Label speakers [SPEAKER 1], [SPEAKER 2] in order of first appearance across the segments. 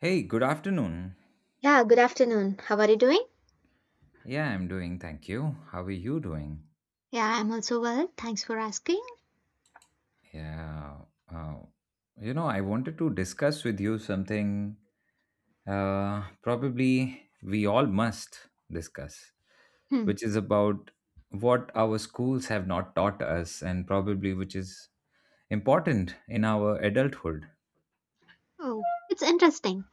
[SPEAKER 1] Hey, good afternoon.
[SPEAKER 2] Yeah, good afternoon. How are you doing?
[SPEAKER 1] Yeah, I'm doing. Thank you. How are you doing?
[SPEAKER 2] Yeah, I'm also well. Thanks for asking.
[SPEAKER 1] Yeah. Uh, I wanted to discuss with you something probably we all must discuss,
[SPEAKER 2] Hmm.
[SPEAKER 1] which is about what our schools have not taught us and probably which is important in our adulthood.
[SPEAKER 2] Oh, it's interesting.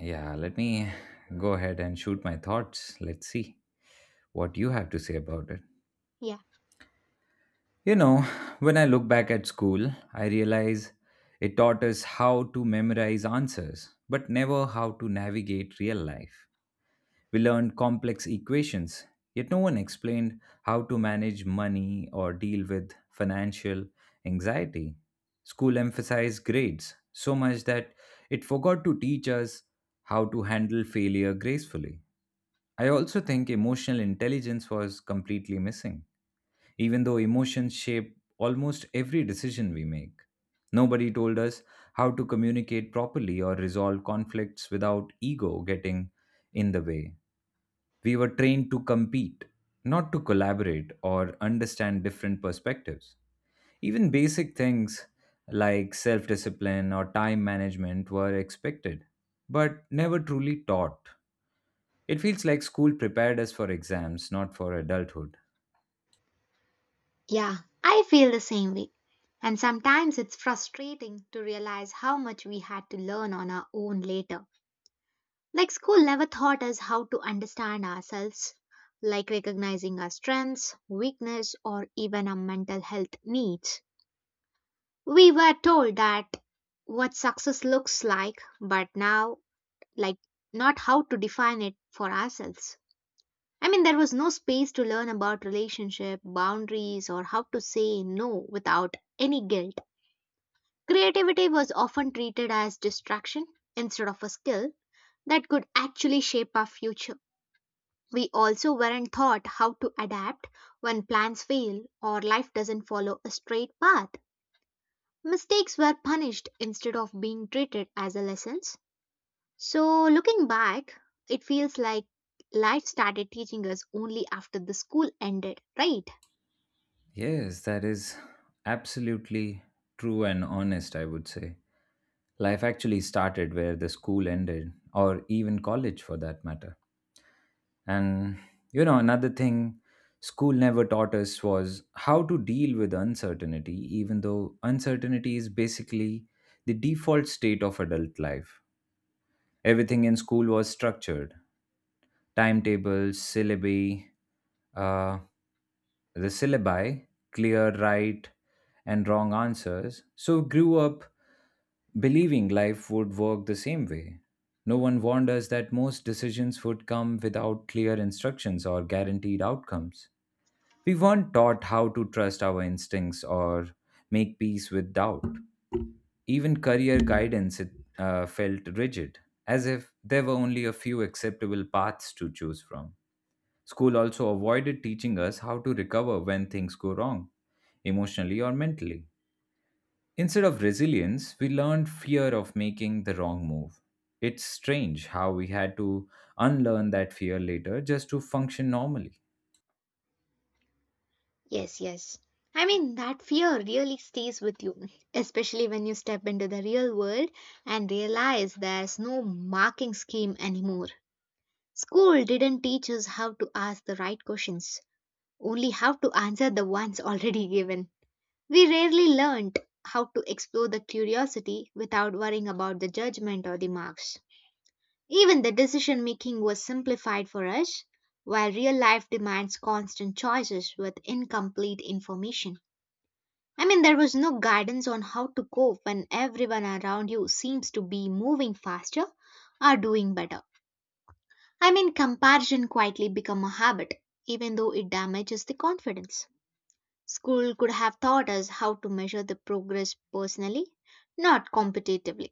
[SPEAKER 1] Yeah, let me go ahead and shoot my thoughts. Let's see what you have to say about it.
[SPEAKER 2] Yeah,
[SPEAKER 1] You know, when I look back at school, I realize it taught us how to memorize answers, but never how to navigate real life. We learned complex equations, yet no one explained how to manage money or deal with financial anxiety. School emphasized grades so much that it forgot to teach us how to handle failure gracefully. I also think emotional intelligence was completely missing even though emotions shape almost every decision we make. Nobody told us how to communicate properly or resolve conflicts without ego getting in the way. We were trained to compete, not to collaborate or understand different perspectives. Even basic things like self discipline or time management were expected, but never truly taught. It feels like school prepared us for exams, not for adulthood.
[SPEAKER 2] yeah, I feel the same way. And sometimes it's frustrating to realize how much we had to learn on our own later. Like, school never taught us how to understand ourselves, like recognizing our strengths, weakness, or even our mental health needs. We were told that what success looks like, but now like not how to define it for ourselves. I mean, there was no space to learn about relationship, boundaries, or how to say no without any guilt. Creativity was often treated as distraction instead of a skill that could actually shape our future. We also weren't taught how to adapt when plans fail or life doesn't follow a straight path. Mistakes were punished instead of being treated as a lesson. So, looking back, it feels like life started teaching us only after the school ended, right?
[SPEAKER 1] Yes, that is absolutely true and honest, I would say. Life actually started where the school ended, or even college for that matter. And, you know, another thing school never taught us was how to deal with uncertainty, even though uncertainty is basically the default state of adult life. Everything in school was structured timetables, uh, the syllabi, clear right and wrong answers, so grew up believing life would work the same way. No one warned us that most decisions would come without clear instructions or guaranteed outcomes. We weren't taught how to trust our instincts or make peace with doubt. Even career guidance felt rigid, as if there were only a few acceptable paths to choose from. School also avoided teaching us how to recover when things go wrong, emotionally or mentally. Instead of resilience, we learned fear of making the wrong move. It's strange how we had to unlearn that fear later just to function normally.
[SPEAKER 2] Yes, yes. I mean, that fear really stays with you, especially when you step into the real world and realize there's no marking scheme anymore. School didn't teach us how to ask the right questions, only how to answer the ones already given. We rarely learned how to explore the curiosity without worrying about the judgment or the marks. Even the decision making was simplified for us, while real life demands constant choices with incomplete information. I mean, there was no guidance on how to cope when everyone around you seems to be moving faster or doing better. I mean, comparison quietly become a habit, even though it damages the confidence. School could have taught us how to measure the progress personally, not competitively.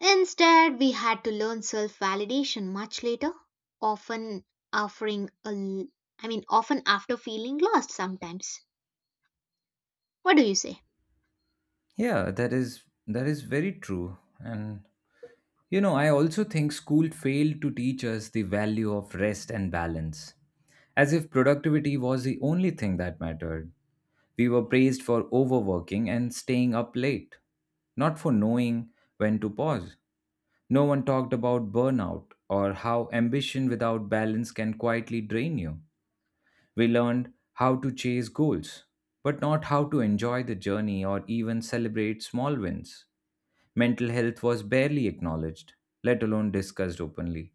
[SPEAKER 2] Instead, we had to learn self validation much later, often offering a l- I mean often after feeling lost sometimes. What do you say?
[SPEAKER 1] Yeah, that is very true. And you know, I also think school failed to teach us the value of rest and balance, as if productivity was the only thing that mattered. We were praised for overworking and staying up late, not for knowing when to pause. No one talked about burnout or how ambition without balance can quietly drain you. We learned how to chase goals, but not how to enjoy the journey or even celebrate small wins. Mental health was barely acknowledged, let alone discussed openly.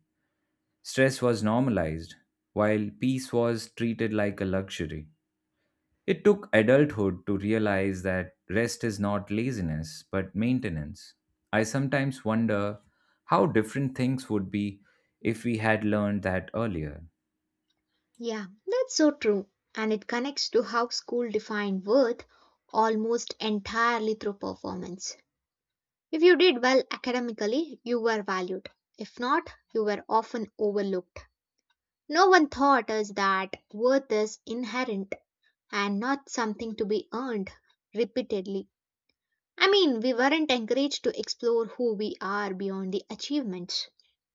[SPEAKER 1] Stress was normalized, while peace was treated like a luxury. It took adulthood to realize that rest is not laziness, but maintenance. I sometimes wonder how different things would be if we had learned that earlier.
[SPEAKER 2] Yeah, that's so true. And it connects to how school defined worth almost entirely through performance. If you did well academically, you were valued. If not, you were often overlooked. No one taught us that worth is inherent and not something to be earned repeatedly. I mean, we weren't encouraged to explore who we are beyond the achievements.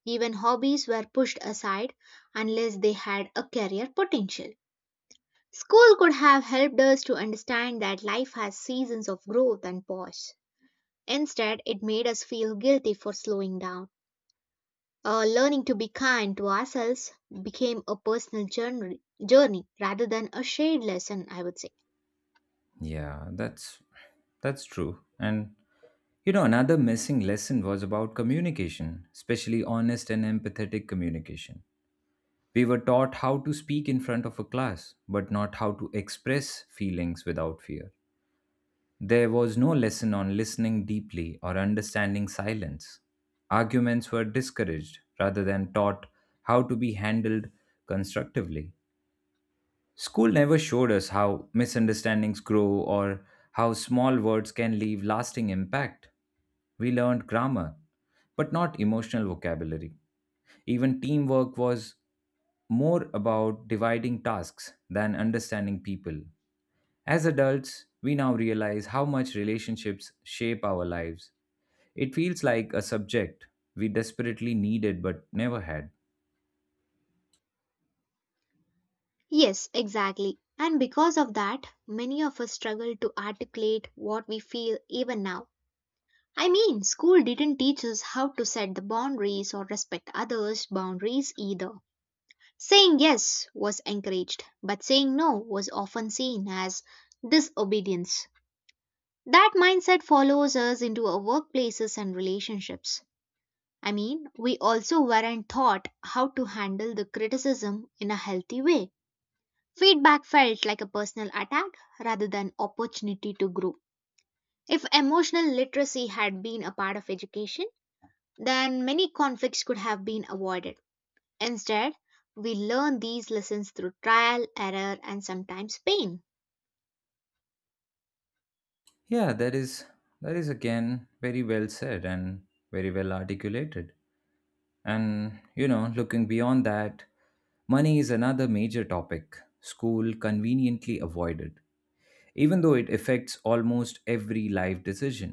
[SPEAKER 2] Even hobbies were pushed aside unless they had a career potential. School could have helped us to understand that life has seasons of growth and pause. Instead, it made us feel guilty for slowing down. Learning to be kind to ourselves became a personal journey rather than a shared lesson, I would say.
[SPEAKER 1] Yeah, that's true. And you know, another missing lesson was about communication, especially honest and empathetic communication. We were taught how to speak in front of a class, but not how to express feelings without fear. There was no lesson on listening deeply or understanding silence. Arguments were discouraged rather than taught how to be handled constructively. School never showed us how misunderstandings grow or how small words can leave lasting impact. We learned grammar, but not emotional vocabulary. Even teamwork was more about dividing tasks than understanding people. As adults, we now realize how much relationships shape our lives. It feels like a subject we desperately needed but never had.
[SPEAKER 2] Yes, exactly. And because of that, many of us struggle to articulate what we feel even now. I mean, school didn't teach us how to set the boundaries or respect others' boundaries either. Saying yes was encouraged, but saying no was often seen as disobedience. That mindset follows us into our workplaces and relationships. I mean, we also weren't taught how to handle the criticism in a healthy way. Feedback felt like a personal attack rather than opportunity to grow. If emotional literacy had been a part of education, then many conflicts could have been avoided. Instead, we learn these lessons through trial, error, and sometimes pain.
[SPEAKER 1] Yeah, that is again very well said and very well articulated. And you know, looking beyond that, money is another major topic school conveniently avoided, even though it affects almost every life decision.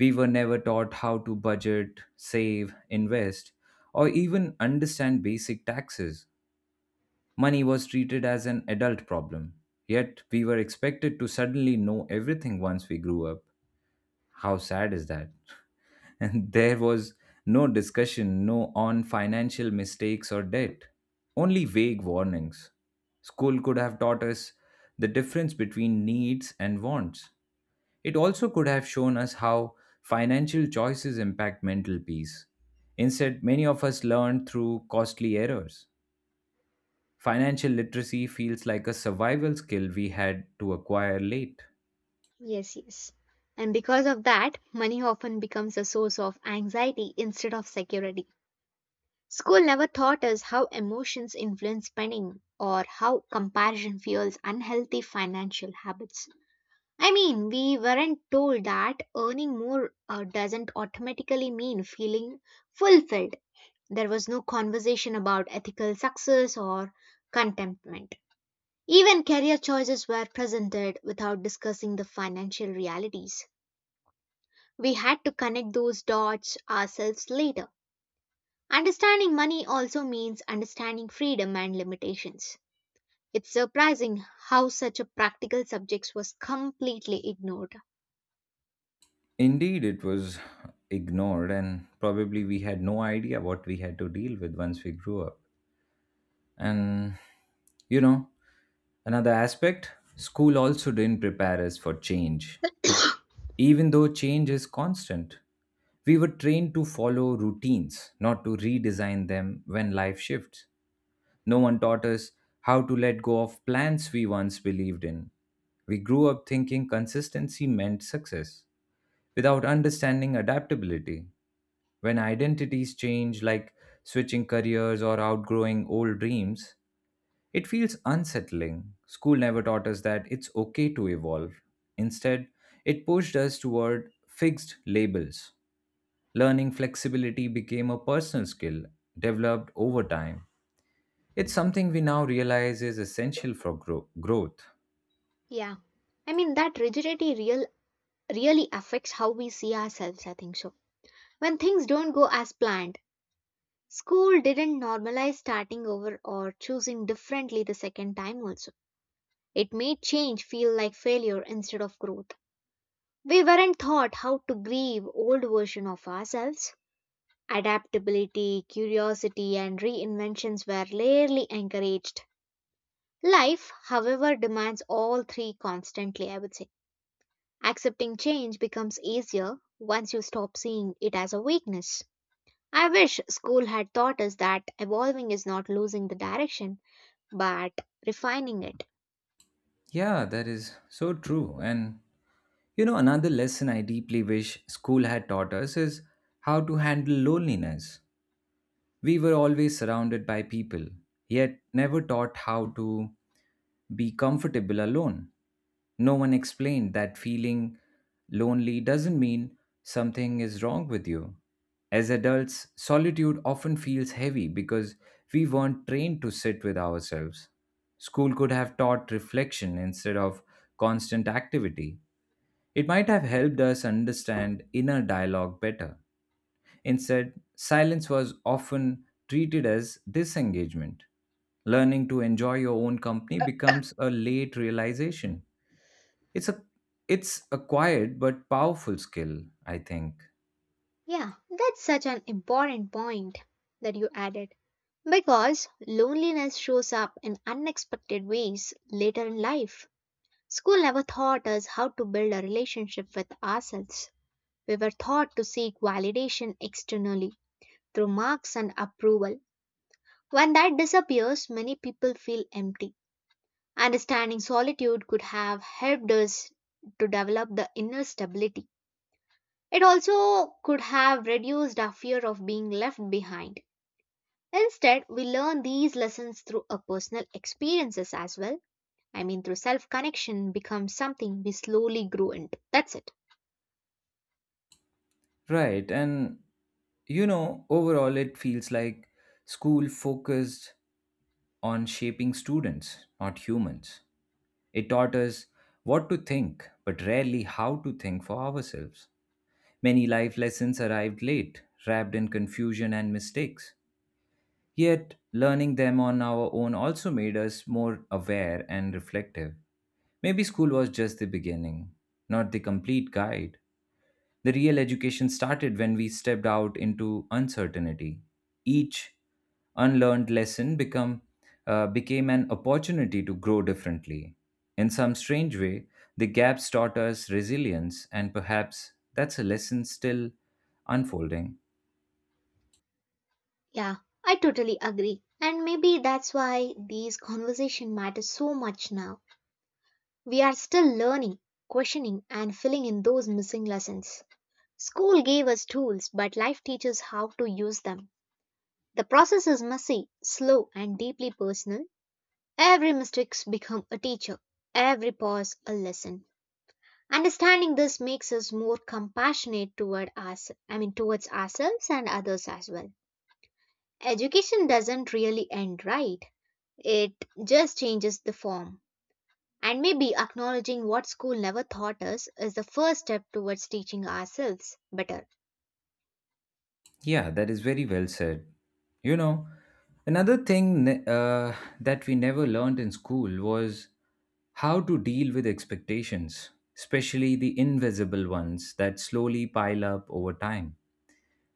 [SPEAKER 1] We were never taught how to budget, save, invest, or even understand basic taxes. Money was treated as an adult problem, yet we were expected to suddenly know everything once we grew up. How sad is that? And there was no discussion no on financial mistakes or debt, only vague warnings. School could have taught us the difference between needs and wants. It also could have shown us how financial choices impact mental peace. Instead, many of us learned through costly errors. Financial literacy feels like a survival skill we had to acquire late.
[SPEAKER 2] Yes, yes. And because of that, money often becomes a source of anxiety instead of security. School never taught us how emotions influence spending or how comparison fuels unhealthy financial habits. I mean, we weren't told that earning more doesn't automatically mean feeling fulfilled. There was no conversation about ethical success or contentment. Even career choices were presented without discussing the financial realities. We had to connect those dots ourselves later. Understanding money also means understanding freedom and limitations. It's surprising how such a practical subject was completely ignored.
[SPEAKER 1] Indeed, it was ignored, and probably we had no idea what we had to deal with once we grew up. And, you know, another aspect, school also didn't prepare us for change, even though change is constant. We were trained to follow routines, not to redesign them when life shifts. No one taught us how to let go of plans we once believed in. We grew up thinking consistency meant success without understanding adaptability. When identities change, like switching careers or outgrowing old dreams, it feels unsettling. School never taught us that it's okay to evolve. Instead, it pushed us toward fixed labels. Learning flexibility became a personal skill developed over time. It's something we now realize is essential for growth.
[SPEAKER 2] Yeah. I mean that rigidity really affects how we see ourselves, I think so. When things don't go as planned, school didn't normalize starting over or choosing differently the second time also. It made change feel like failure instead of growth. We weren't taught how to grieve old version of ourselves. Adaptability, curiosity and reinventions were rarely encouraged. Life, however, demands all three constantly, I would say. Accepting change becomes easier once you stop seeing it as a weakness. I wish school had taught us that evolving is not losing the direction, but refining it.
[SPEAKER 1] Yeah, that is so true. And you know, another lesson I deeply wish school had taught us is how to handle loneliness. We were always surrounded by people, yet never taught how to be comfortable alone. No one explained that feeling lonely doesn't mean something is wrong with you. As adults, solitude often feels heavy because we weren't trained to sit with ourselves. School could have taught reflection instead of constant activity. It might have helped us understand inner dialogue better. Instead, silence was often treated as disengagement. Learning to enjoy your own company becomes a late realization. It's a it's a quiet but powerful skill, I think.
[SPEAKER 2] Yeah, that's such an important point that you added. Because loneliness shows up in unexpected ways later in life. School never taught us how to build a relationship with ourselves. We were taught to seek validation externally through marks and approval. When that disappears, many people feel empty. Understanding solitude could have helped us to develop the inner stability. It also could have reduced our fear of being left behind. Instead, we learn these lessons through our personal experiences as well. I mean, through self connection becomes something we slowly grow into. That's it.
[SPEAKER 1] Right, and you know, overall it feels like school focused on shaping students, not humans. It taught us what to think, but rarely how to think for ourselves. Many life lessons arrived late, wrapped in confusion and mistakes. Yet, learning them on our own also made us more aware and reflective. Maybe school was just the beginning, not the complete guide. The real education started when we stepped out into uncertainty. Each unlearned lesson became an opportunity to grow differently. In some strange way, the gaps taught us resilience, and perhaps that's a lesson still unfolding.
[SPEAKER 2] Yeah, I totally agree. And maybe that's why these conversation matters so much now. We are still learning, questioning, and filling in those missing lessons. School gave us tools, but life teaches how to use them. The process is messy, slow, and deeply personal. Every mistake becomes a teacher, every pause a lesson. Understanding this makes us more compassionate toward us, I mean towards ourselves and others as well. Education doesn't really end, right? It just changes the form. And maybe acknowledging what school never taught us is the first step towards teaching ourselves better.
[SPEAKER 1] Yeah, that is very well said. You know, another thing ne- uh, that we never learned in school was how to deal with expectations, especially the invisible ones that slowly pile up over time.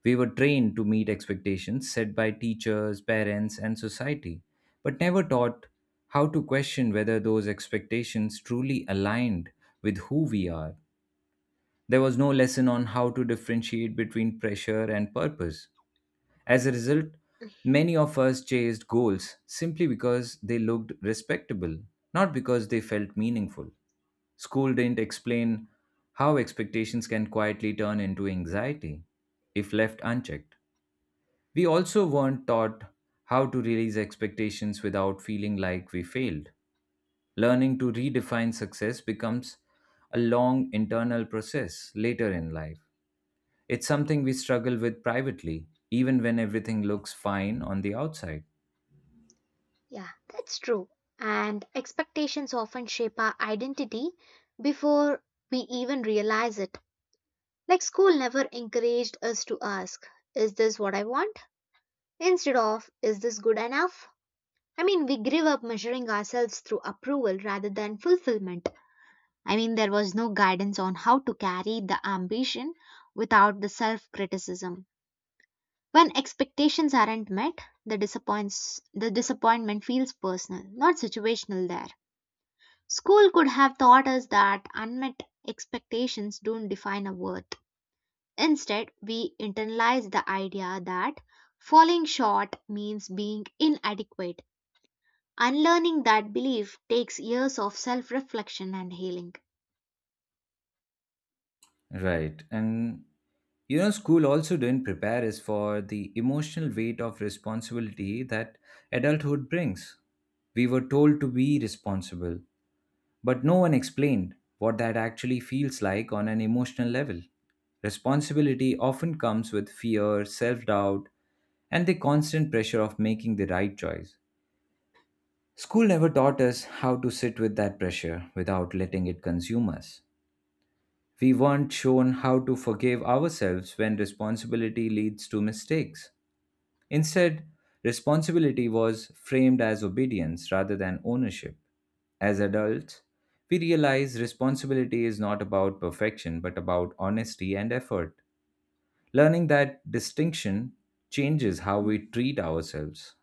[SPEAKER 1] We were trained to meet expectations set by teachers, parents, and society, but never taught how to question whether those expectations truly aligned with who we are. There was no lesson on how to differentiate between pressure and purpose. As a result, many of us chased goals simply because they looked respectable, not because they felt meaningful. School didn't explain how expectations can quietly turn into anxiety if left unchecked. We also weren't taught how to release expectations without feeling like we failed. Learning to redefine success becomes a long internal process later in life. It's something we struggle with privately, even when everything looks fine on the outside.
[SPEAKER 2] Yeah, that's true. And expectations often shape our identity before we even realize it. Like school never encouraged us to ask, is this what I want? Instead of, is this good enough? I mean, we grew up measuring ourselves through approval rather than fulfillment. I mean, there was no guidance on how to carry the ambition without the self criticism. When expectations aren't met, the disappointment feels personal, not situational there. School could have taught us that unmet expectations don't define our worth. Instead, we internalize the idea that falling short means being inadequate. Unlearning that belief takes years of self reflection and healing.
[SPEAKER 1] Right. And you know, school also didn't prepare us for the emotional weight of responsibility that adulthood brings. We were told to be responsible, but no one explained what that actually feels like on an emotional level. Responsibility often comes with fear, self doubt, and the constant pressure of making the right choice. School never taught us how to sit with that pressure without letting it consume us. We weren't shown how to forgive ourselves when responsibility leads to mistakes. Instead, responsibility was framed as obedience rather than ownership. As adults, we realize responsibility is not about perfection but about honesty and effort. Learning that distinction changes how we treat ourselves.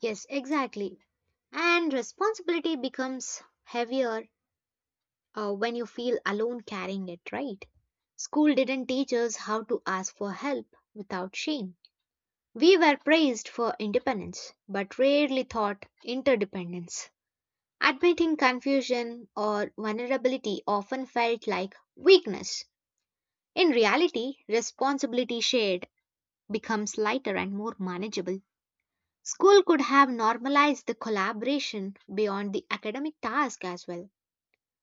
[SPEAKER 2] Yes, exactly. And responsibility becomes heavier when you feel alone carrying it, right? School didn't teach us how to ask for help without shame. We were praised for independence, but rarely taught interdependence. Admitting confusion or vulnerability often felt like weakness. In reality, responsibility shared becomes lighter and more manageable. School could have normalized the collaboration beyond the academic task as well.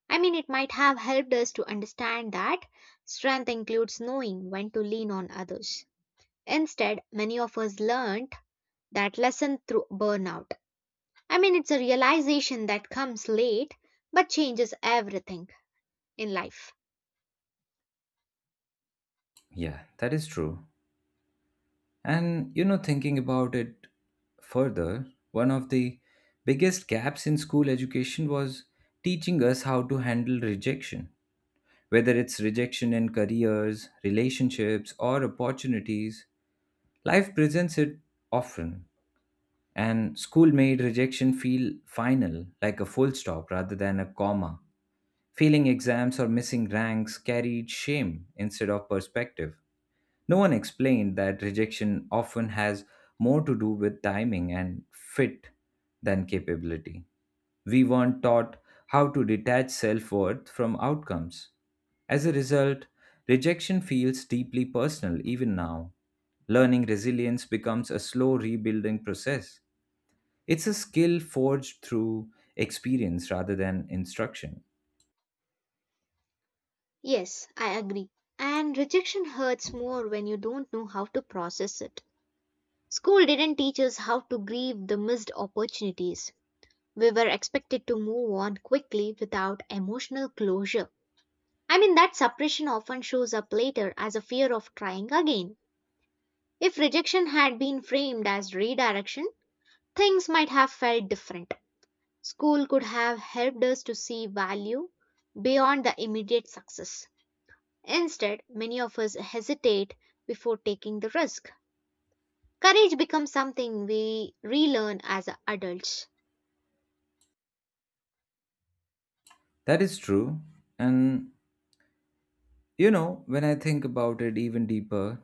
[SPEAKER 2] I mean, it might have helped us to understand that strength includes knowing when to lean on others. Instead, many of us learned that lesson through burnout. I mean, it's a realization that comes late but changes everything in life.
[SPEAKER 1] Yeah, that is true. And you know, thinking about it further, one of the biggest gaps in school education was teaching us how to handle rejection. Whether it's rejection in careers, relationships, or opportunities, life presents it often. And school made rejection feel final, like a full stop rather than a comma. Failing exams or missing ranks carried shame instead of perspective. No one explained that rejection often has more to do with timing and fit than capability. We weren't taught how to detach self worth from outcomes. As a result, rejection feels deeply personal even now. Learning resilience becomes a slow rebuilding process. It's a skill forged through experience rather than instruction.
[SPEAKER 2] Yes, I agree. And rejection hurts more when you don't know how to process it. School didn't teach us how to grieve the missed opportunities. We were expected to move on quickly without emotional closure. I mean, that suppression often shows up later as a fear of trying again. If rejection had been framed as redirection, things might have felt different. School could have helped us to see value beyond the immediate success. Instead, many of us hesitate before taking the risk. Courage becomes something we relearn as adults.
[SPEAKER 1] That is true. And when I think about it even deeper,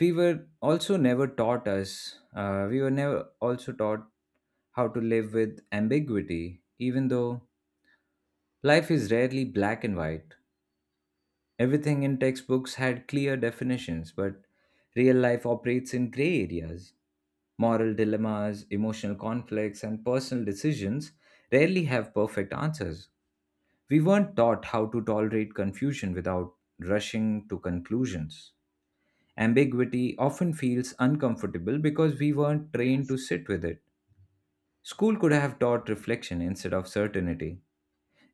[SPEAKER 1] we were never also taught how to live with ambiguity, even though life is rarely black and white. Everything in textbooks had clear definitions, but real life operates in gray areas. Moral dilemmas, emotional conflicts, and personal decisions rarely have perfect answers. We weren't taught how to tolerate confusion without rushing to conclusions. Ambiguity often feels uncomfortable because we weren't trained to sit with it. School could have taught reflection instead of certainty.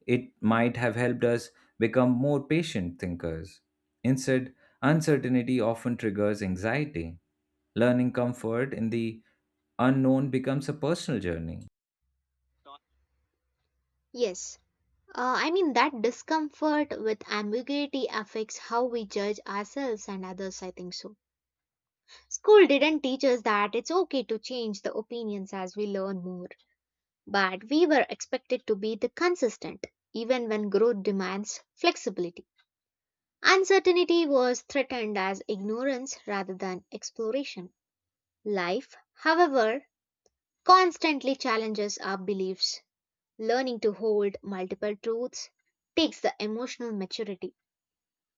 [SPEAKER 1] It might have helped us become more patient thinkers. Instead, uncertainty often triggers anxiety. Learning comfort in the unknown becomes a personal journey.
[SPEAKER 2] Yes, I mean, that discomfort with ambiguity affects how we judge ourselves and others, I think so. School didn't teach us that it's okay to change the opinions as we learn more, but we were expected to be the consistent, even when growth demands flexibility. Uncertainty was threatened as ignorance rather than exploration. Life, however, constantly challenges our beliefs. Learning to hold multiple truths takes the emotional maturity.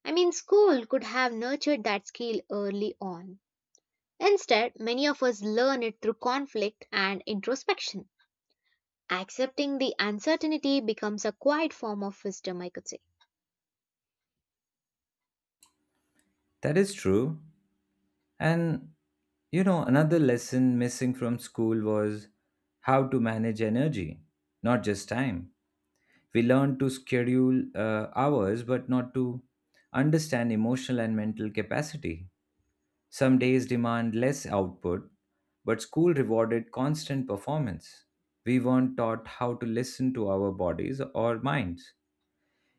[SPEAKER 2] I mean, school could have nurtured that skill early on. Instead, many of us learn it through conflict and introspection. Accepting the uncertainty becomes a quiet form of wisdom, I could say.
[SPEAKER 1] That is true. And another lesson missing from school was how to manage energy, not just time. We learn to schedule hours, but not to understand emotional and mental capacity. Some days demand less output, but school rewarded constant performance. We weren't taught how to listen to our bodies or minds.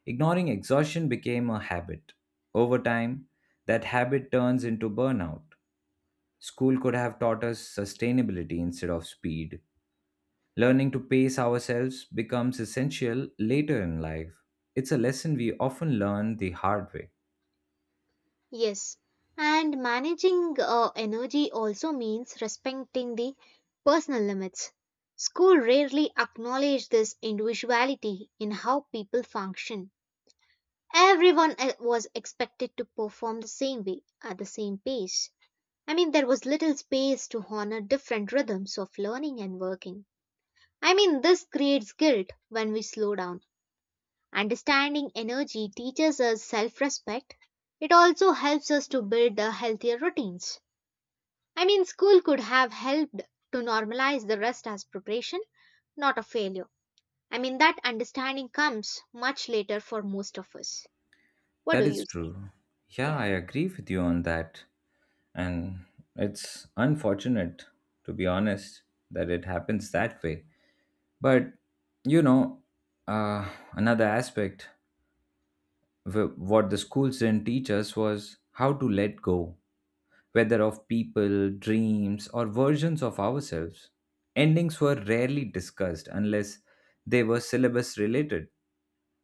[SPEAKER 1] Ignoring exhaustion became a habit. Over time, that habit turns into burnout. School could have taught us sustainability instead of speed. Learning to pace ourselves becomes essential later in life. It's a lesson we often learn the hard way.
[SPEAKER 2] Yes, and managing energy also means respecting the personal limits. School rarely acknowledge this individuality in how people function. Everyone was expected to perform the same way at the same pace. I mean, there was little space to honor different rhythms of learning and working. I mean, this creates guilt when we slow down. Understanding energy teaches us self respect. It also helps us to build the healthier routines. I mean, school could have helped to normalize the rest as preparation, not a failure. I mean, that understanding comes much later for most of us. What do
[SPEAKER 1] That
[SPEAKER 2] you
[SPEAKER 1] is
[SPEAKER 2] say?
[SPEAKER 1] true. Yeah,
[SPEAKER 2] Yeah,
[SPEAKER 1] I agree with you on that. And it's unfortunate, to be honest, that it happens that way. But, you know, another aspect, what the schools didn't teach us was how to let go, whether of people, dreams, or versions of ourselves. Endings were rarely discussed unless they were syllabus related.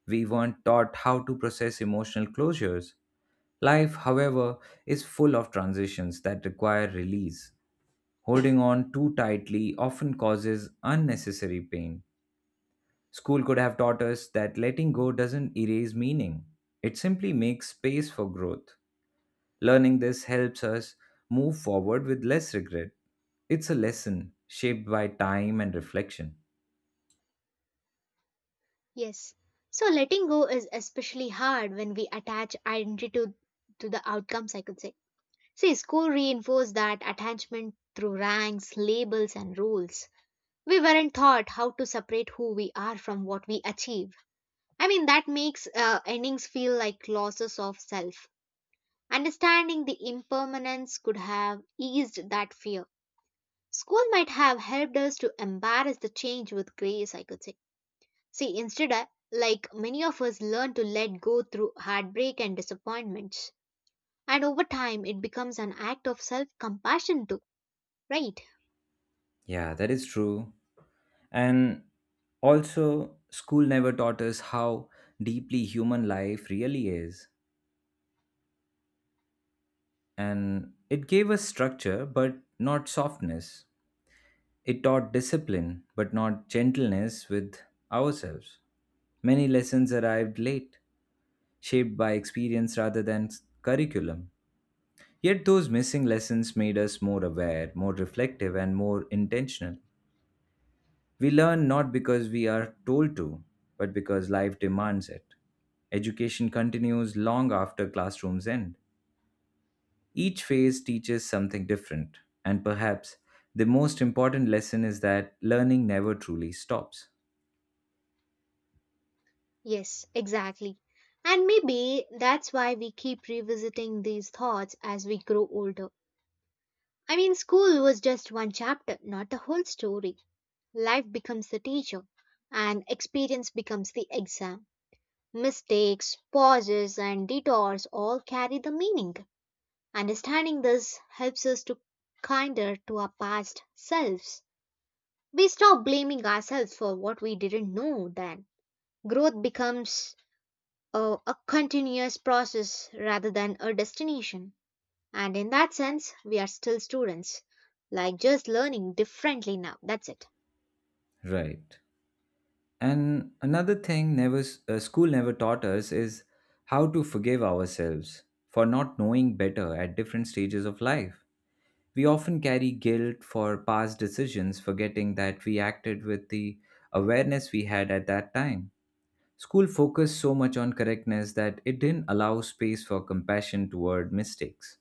[SPEAKER 1] We weren't taught how to process emotional closures. Life, however, is full of transitions that require release. Holding on too tightly often causes unnecessary pain. School could have taught us that letting go doesn't erase meaning, it simply makes space for growth. Learning this helps us move forward with less regret. It's a lesson shaped by time and reflection.
[SPEAKER 2] yes. So, letting go is especially hard when we attach identity to the outcomes, I could say. See, school reinforced that attachment through ranks, labels, and rules. We weren't taught how to separate who we are from what we achieve. I mean, that makes endings feel like losses of self. Understanding the impermanence could have eased that fear. School might have helped us to embrace the change with grace, I could say. See, instead, like many of us learn to let go through heartbreak and disappointments. And over time, it becomes an act of self compassion, too, right?
[SPEAKER 1] Yeah, that is true. And also, school never taught us how deeply human life really is. And it gave us structure, but not softness. It taught discipline, but not gentleness with ourselves. Many lessons arrived late, shaped by experience rather than curriculum. Yet those missing lessons made us more aware, more reflective, and more intentional. We learn not because we are told to, but because life demands it. Education continues long after classrooms end. Each phase teaches something different, and perhaps the most important lesson is that learning never truly stops.
[SPEAKER 2] Yes, exactly. And maybe that's why we keep revisiting these thoughts as we grow older. I mean, school was just one chapter, not the whole story. Life becomes the teacher, and experience becomes the exam. Mistakes, pauses, and detours all carry the meaning. Understanding this helps us to kinder to our past selves. We stop blaming ourselves for what we didn't know then. Growth becomes a continuous process rather than a destination. And in that sense, we are still students, like just learning differently now. That's it.
[SPEAKER 1] Right. And another thing never s- school never taught us is how to forgive ourselves for not knowing better at different stages of life. We often carry guilt for past decisions, forgetting that we acted with the awareness we had at that time. School focused so much on correctness that it didn't allow space for compassion toward mistakes.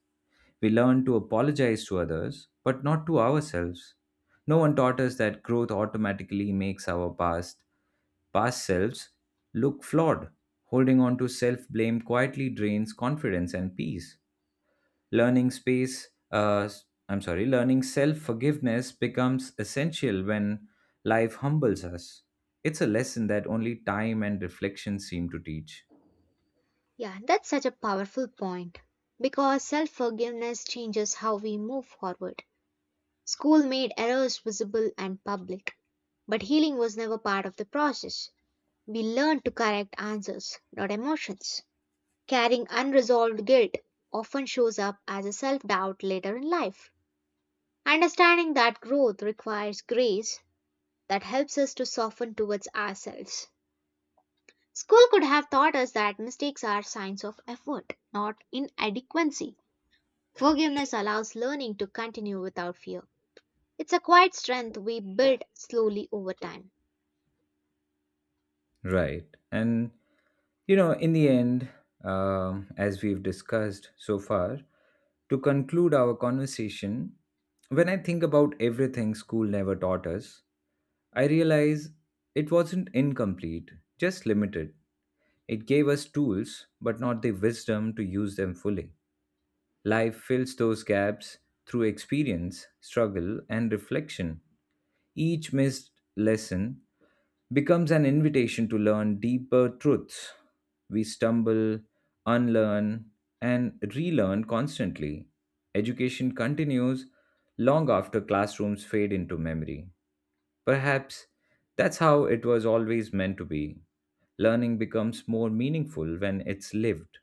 [SPEAKER 1] We learned to apologize to others, but not to ourselves. No one taught us that growth automatically makes our past selves look flawed. Holding on to self blame quietly drains confidence and peace. Learning space, s- I'm sorry, learning self forgiveness becomes essential when life humbles us. It's a lesson that only time and reflection seem to teach.
[SPEAKER 2] Yeah, that's such a powerful point because self forgiveness changes how we move forward. School made errors visible and public, but healing was never part of the process. We learn to correct answers, not emotions. Carrying unresolved guilt often shows up as a self doubt later in life. Understanding that growth requires grace that helps us to soften towards ourselves. School could have taught us that mistakes are signs of effort, not inadequacy. Forgiveness allows learning to continue without fear. It's a quiet strength we build slowly over time.
[SPEAKER 1] Right. And, in the end, as we've discussed so far, to conclude our conversation, when I think about everything school never taught us, I realize it wasn't incomplete, just limited. It gave us tools, but not the wisdom to use them fully. Life fills those gaps through experience, struggle, and reflection. Each missed lesson becomes an invitation to learn deeper truths. We stumble, unlearn, and relearn constantly. Education continues long after classrooms fade into memory. Perhaps that's how it was always meant to be. Learning becomes more meaningful when it's lived.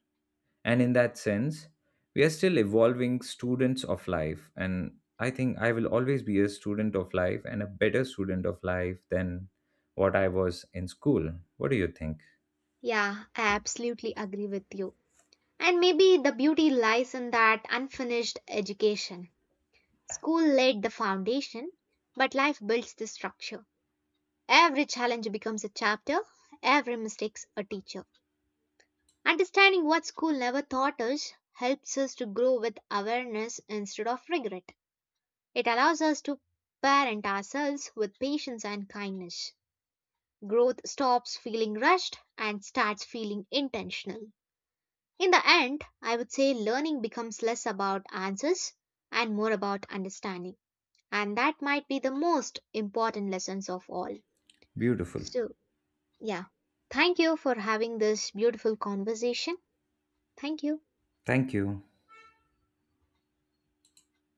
[SPEAKER 1] And in that sense, we are still evolving students of life. And I think I will always be a student of life and a better student of life than what I was in school. What do you think?
[SPEAKER 2] Yeah, I absolutely agree with you. And maybe the beauty lies in that unfinished education. School laid the foundation, but life builds the structure. Every challenge becomes a chapter, every mistake's a teacher. Understanding what school never taught us helps us to grow with awareness instead of regret. It allows us to parent ourselves with patience and kindness. Growth stops feeling rushed and starts feeling intentional. In the end, I would say learning becomes less about answers and more about understanding. And that might be the most important lessons of all.
[SPEAKER 1] Beautiful.
[SPEAKER 2] So, yeah. Thank you for having this beautiful conversation. Thank you.
[SPEAKER 1] Thank you.